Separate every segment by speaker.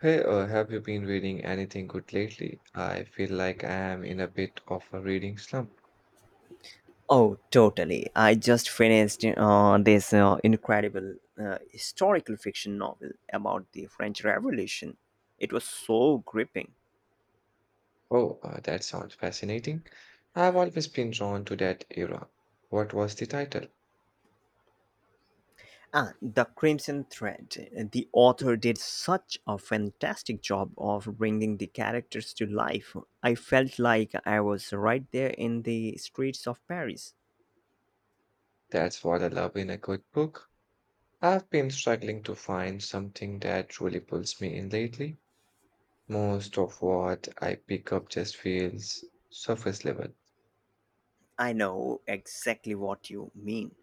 Speaker 1: Have you been reading anything good lately? I feel like I am in a bit of a reading slump.
Speaker 2: Oh, totally. I just finished this incredible historical fiction novel about the French Revolution. It was so gripping.
Speaker 1: Oh, that sounds fascinating. I've always been drawn to that era. What was the title?
Speaker 2: Ah, The Crimson Thread. The author did such a fantastic job of bringing the characters to life. I felt like I was right there in the streets of Paris.
Speaker 1: That's what I love in a good book. I've been struggling to find something that really pulls me in lately. Most of what I pick up just feels surface level.
Speaker 2: I know exactly what you mean.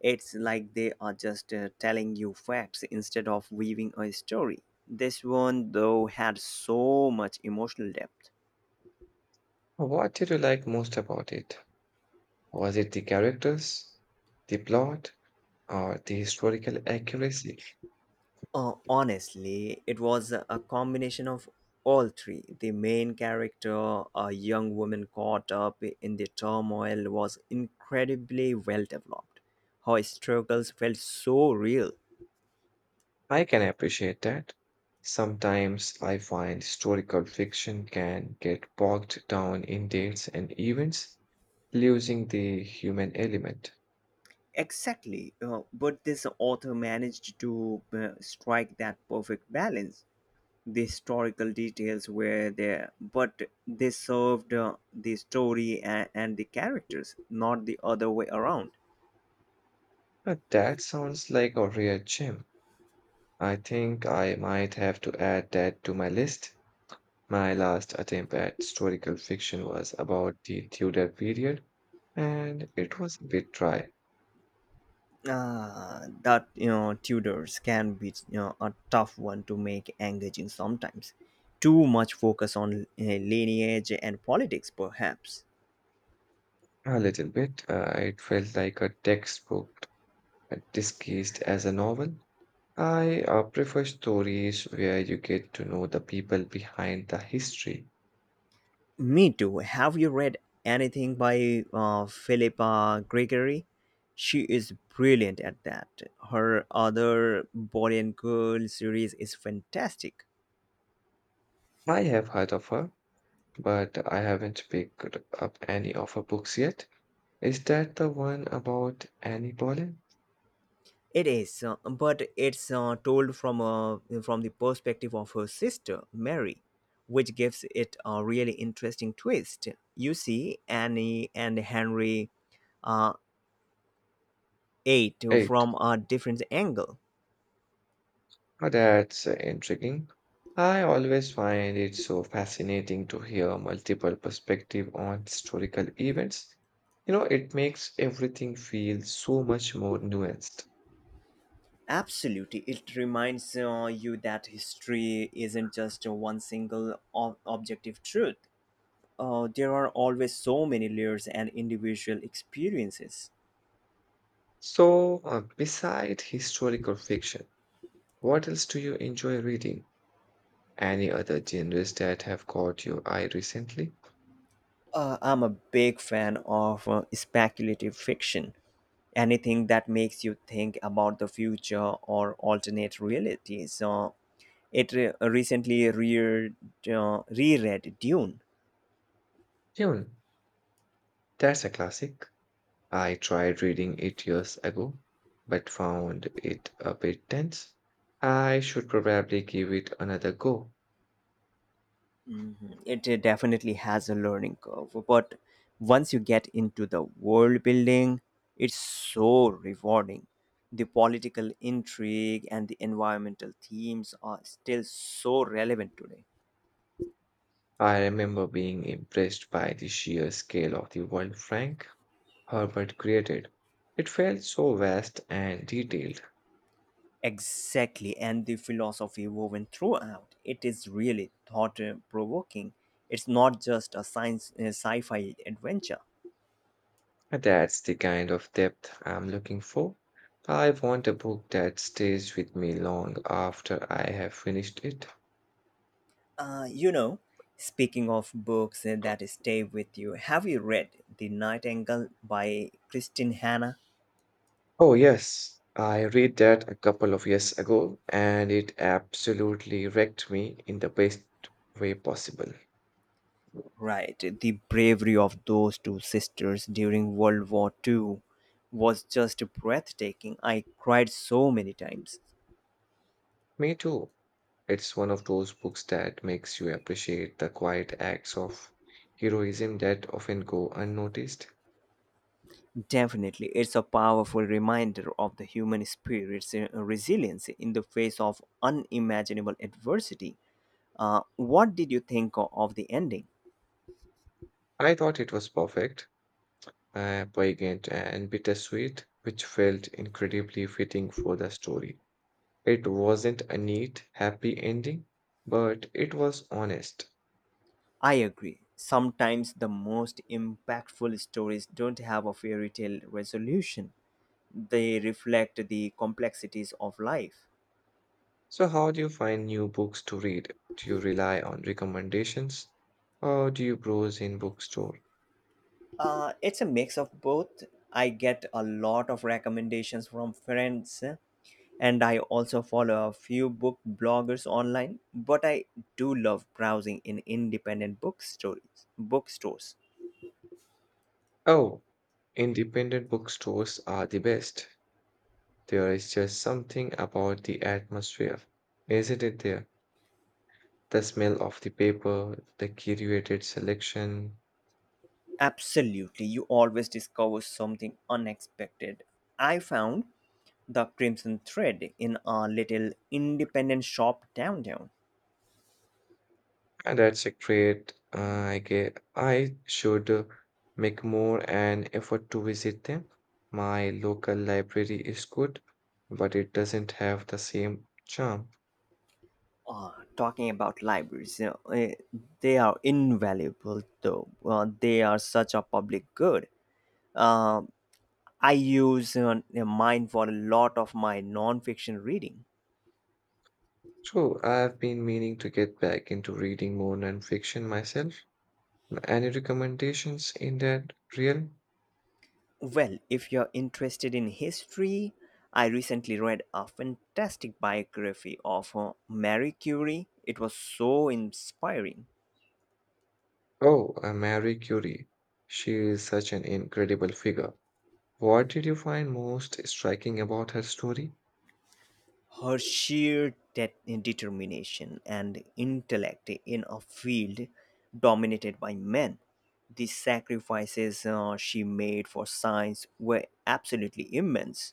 Speaker 2: It's like they are just telling you facts instead of weaving a story. This one, though, had so much emotional depth.
Speaker 1: What did you like most about it? Was it the characters, the plot, or the historical accuracy?
Speaker 2: Honestly, it was a combination of all three. The main character, a young woman caught up in the turmoil, was incredibly well developed. Her struggles felt so real.
Speaker 1: I can appreciate that. Sometimes I find historical fiction can get bogged down in dates and events, losing the human element.
Speaker 2: Exactly. But this author managed to strike that perfect balance. The historical details were there, but they served the story and the characters, not the other way around.
Speaker 1: But that sounds like a real gem. I think I might have to add that to my list. My last attempt at historical fiction was about the Tudor period, and it was a bit dry.
Speaker 2: Tudors can be a tough one to make engaging sometimes. Too much focus on lineage and politics, perhaps.
Speaker 1: A little bit. It felt like a textbook disguised as a novel. I prefer stories where you get to know the people behind the history.
Speaker 2: Me too. Have you read anything by Philippa Gregory? She is brilliant at that. Her other Boy and Girl series is fantastic.
Speaker 1: I have heard of her, but I haven't picked up any of her books yet. Is that the one about Annie Boleyn?
Speaker 2: It is, but it's told from the perspective of her sister Mary, which gives it a really interesting twist. You see Annie and Henry uh, eight
Speaker 1: Hey,
Speaker 2: from a different angle.
Speaker 1: oh, that's Intriguing. I always find it so fascinating to hear multiple perspective on historical events. You know, it makes everything feel so much more nuanced.
Speaker 2: Absolutely. It reminds you that history isn't just one single objective truth. There are always so many layers and individual experiences.
Speaker 1: Beside historical fiction, what else do you enjoy reading? Any other genres that have caught your eye recently?
Speaker 2: I'm a big fan of speculative fiction. Anything that makes you think about the future or alternate realities. It re- recently reared, Reread Dune.
Speaker 1: Dune. That's a classic. I tried reading it years ago, but found it a bit dense. I should probably give it another go.
Speaker 2: Mhm. It definitely has a learning curve, but once you get into the world building, it's so rewarding. The political intrigue and the environmental themes are still so relevant today.
Speaker 1: I remember being impressed by the sheer scale of the world Frank Herbert created. It felt so vast and detailed.
Speaker 2: Exactly, and the philosophy woven throughout it is really thought provoking. It's not just a science sci-fi adventure.
Speaker 1: That's the kind of depth I'm looking for. I want a book that stays with me long after I have finished it.
Speaker 2: Uh, you know, Speaking of books that stay with you, have you read The Nightingale by Christine Hanna?
Speaker 1: Oh, yes. I read that a couple of years ago and it absolutely wrecked me in the best way possible.
Speaker 2: Right, the bravery of those two sisters during World War Two was just breathtaking. I cried so many times.
Speaker 1: Me too. It's one of those books that makes you appreciate the quiet acts of heroism that often go unnoticed.
Speaker 2: Definitely, it's a powerful reminder of the human spirit's resilience in the face of unimaginable adversity. What did you think of the ending?
Speaker 1: I thought it was perfect. Poignant and bittersweet, which felt incredibly fitting for the story. It wasn't a neat, happy ending, but it was honest.
Speaker 2: I agree. Sometimes the most impactful stories don't have a fairy tale resolution. They reflect the complexities of life.
Speaker 1: So, how do you find new books to read? Do you rely on recommendations or do you browse in bookstore?
Speaker 2: It's a mix of both. I get a lot of recommendations from friends, and I also follow a few book bloggers online. But I do love browsing in independent bookstores.
Speaker 1: Oh, independent bookstores are the best. There is just something about the atmosphere, isn't it there? The smell of the paper, the curated selection.
Speaker 2: Absolutely, you always discover something unexpected. I found The Crimson Thread in a little independent shop downtown.
Speaker 1: And that's a great. I should make more an effort to visit them. My local library is good, but it doesn't have the same charm.
Speaker 2: Uh, Talking about libraries, they are invaluable though. They are such a public good. Um I use mine for a lot of my non-fiction reading.
Speaker 1: So I've been meaning to get back into reading more nonfiction myself. Any recommendations in that realm?
Speaker 2: Well, if you're interested in history, I recently read a fantastic biography of Marie Curie. It was so inspiring.
Speaker 1: Oh, Marie Curie. She is such an incredible figure. What did you find most striking about her story?
Speaker 2: Her sheer determination and intellect in a field dominated by men, the sacrifices she made for science were absolutely immense.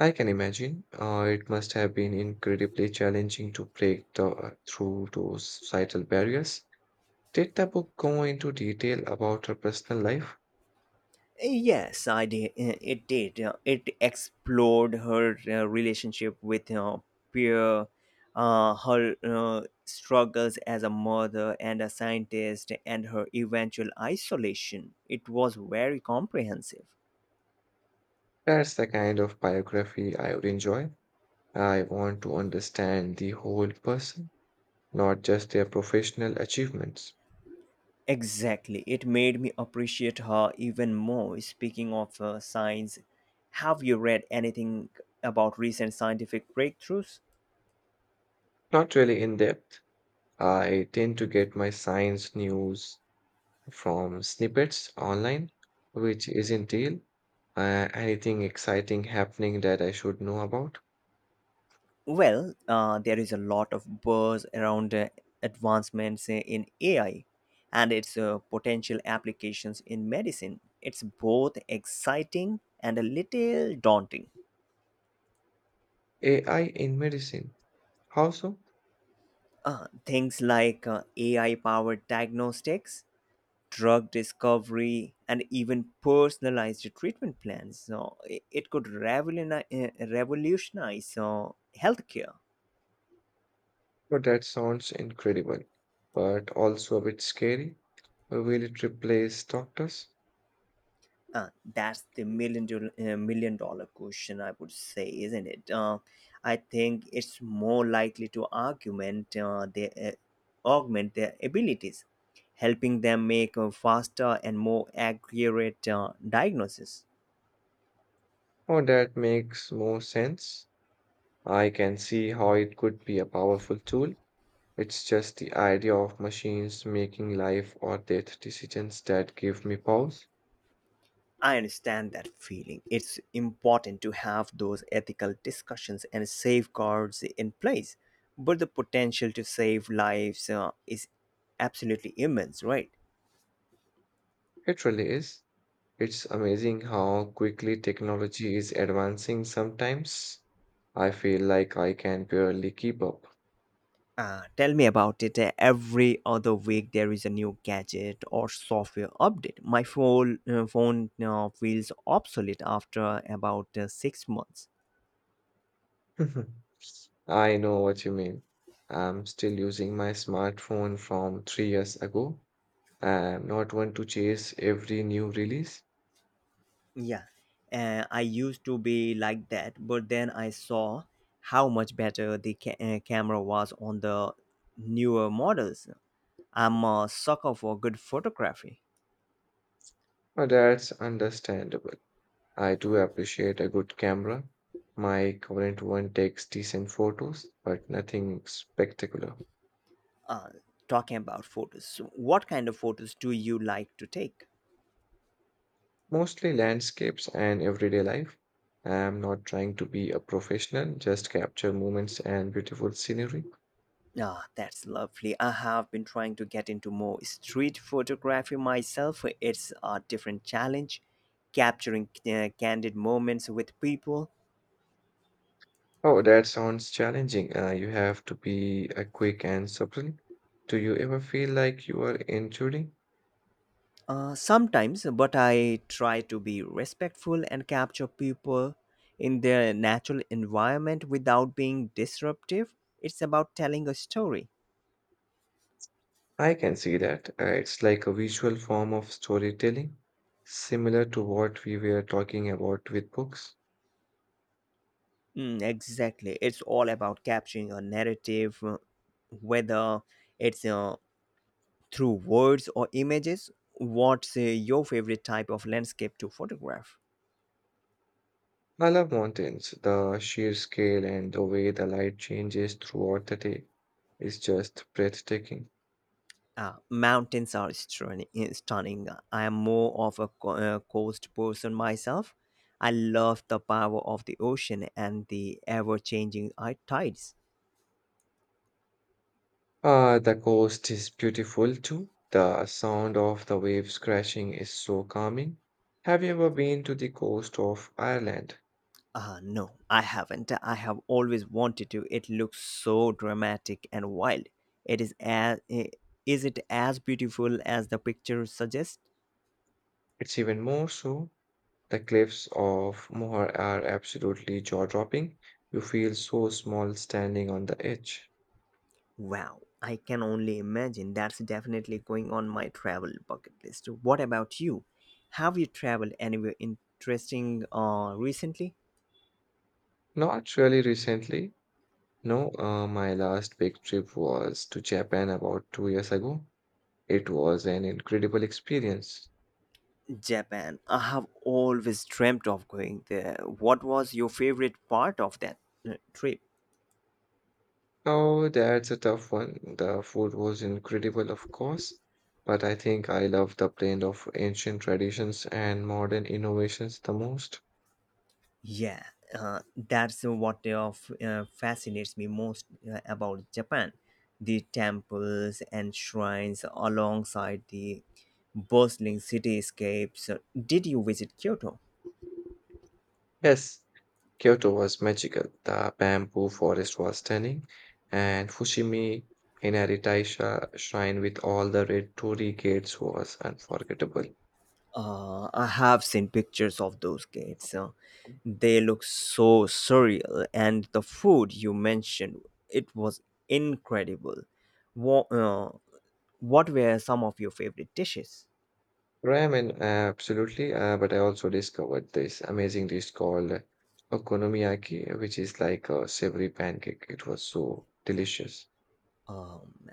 Speaker 1: I can imagine. It must have been incredibly challenging to break through those societal barriers. Did the book go into detail about her personal life?
Speaker 2: Yes, I did. It did. It explored her relationship with her peer, her struggles as a mother and a scientist, and her eventual isolation. It was very comprehensive.
Speaker 1: That's the kind of biography I would enjoy. I want to understand the whole person, not just their professional achievements.
Speaker 2: Exactly. It made me appreciate her even more. Speaking of science, have you read anything about recent scientific breakthroughs?
Speaker 1: Not really in depth. I tend to get my science news from snippets online, which isn't real. Anything exciting happening that I should know about?
Speaker 2: Well, there is a lot of buzz around advancements in AI and its potential applications in medicine. It's both exciting and a little daunting.
Speaker 1: AI in medicine. How so?
Speaker 2: Things like AI powered diagnostics, drug discovery, and even personalized treatment plans. So it could revolutionize healthcare.
Speaker 1: Well, that sounds incredible, but also a bit scary. Will it replace doctors?
Speaker 2: Uh, that's the million dollar question, I would say, isn't it? I think it's more likely to augment their abilities, helping them make a faster and more accurate diagnosis.
Speaker 1: Oh, that makes more sense. I can see how it could be a powerful tool. It's just the idea of machines making life or death decisions that give me pause.
Speaker 2: I understand that feeling. It's important to have those ethical discussions and safeguards in place. But the potential to save lives is absolutely immense, right?
Speaker 1: It really is. It's amazing how quickly technology is advancing sometimes. I feel like I can barely keep up.
Speaker 2: Tell me about it. Every other week, there is a new gadget or software update. My phone feels obsolete after about six months.
Speaker 1: I know what you mean. I'm still using my smartphone from 3 years ago. I'm not one to chase every new release,
Speaker 2: Yeah, I used to be like that, but then I saw how much better the camera was on the newer models. I'm a sucker for good photography.
Speaker 1: but that's understandable. I do appreciate a good camera. My current one takes decent photos, but nothing spectacular.
Speaker 2: Uh, Talking about photos, what kind of photos do you like to take?
Speaker 1: Mostly landscapes and everyday life. I'm not trying to be a professional, just capture moments and beautiful scenery.
Speaker 2: Ah, that's lovely. I have been trying to get into more street photography myself. It's a different challenge, capturing candid moments with people.
Speaker 1: Oh, that sounds challenging. You have to be quick and supple. Do you ever feel like you are intruding?
Speaker 2: Sometimes, but I try to be respectful and capture people in their natural environment without being disruptive. It's about telling a story.
Speaker 1: I can see that. It's like a visual form of storytelling, similar to what we were talking about with books.
Speaker 2: Mm, exactly. It's all about capturing a narrative, whether it's through words or images. What's your favorite type of landscape to photograph?
Speaker 1: I love mountains. The sheer scale and the way the light changes throughout the day is just breathtaking.
Speaker 2: Mountains are stunning. I am more of a coast person myself. I love the power of the ocean and the ever changing tides.
Speaker 1: Ah, the coast is beautiful too. The sound of the waves crashing is so calming. Have you ever been to the coast of Ireland?
Speaker 2: No, I haven't. I have always wanted to. It looks so dramatic and wild. It is as, is it as beautiful as the picture suggests?
Speaker 1: It's even more so. The cliffs of Moher are absolutely jaw-dropping. You feel so small standing on the edge.
Speaker 2: Wow, I can only imagine. That's definitely going on my travel bucket list. What about you? Have you traveled anywhere interesting recently?
Speaker 1: Not really recently. No, my last big trip was to Japan about 2 years ago. It was an incredible experience.
Speaker 2: Japan. I have always dreamt of going there. What was your favorite part of that trip?
Speaker 1: Oh, that's a tough one. The food was incredible, of course, but I think I love the blend of ancient traditions and modern innovations the most.
Speaker 2: Yeah, that's what fascinates me most about Japan. The temples and shrines alongside the bustling cityscapes. Did you visit Kyoto?
Speaker 1: Yes, Kyoto was magical. The bamboo forest was stunning, and Fushimi Inari Taisha shrine with all the red torii gates was unforgettable.
Speaker 2: I have seen pictures of those gates. They look so surreal, and the food you mentioned, it was incredible. What, uh, what were some of your favorite dishes?
Speaker 1: Ramen, absolutely. But I also discovered this amazing dish called okonomiyaki, which is like a savory pancake. It was so delicious.
Speaker 2: Um,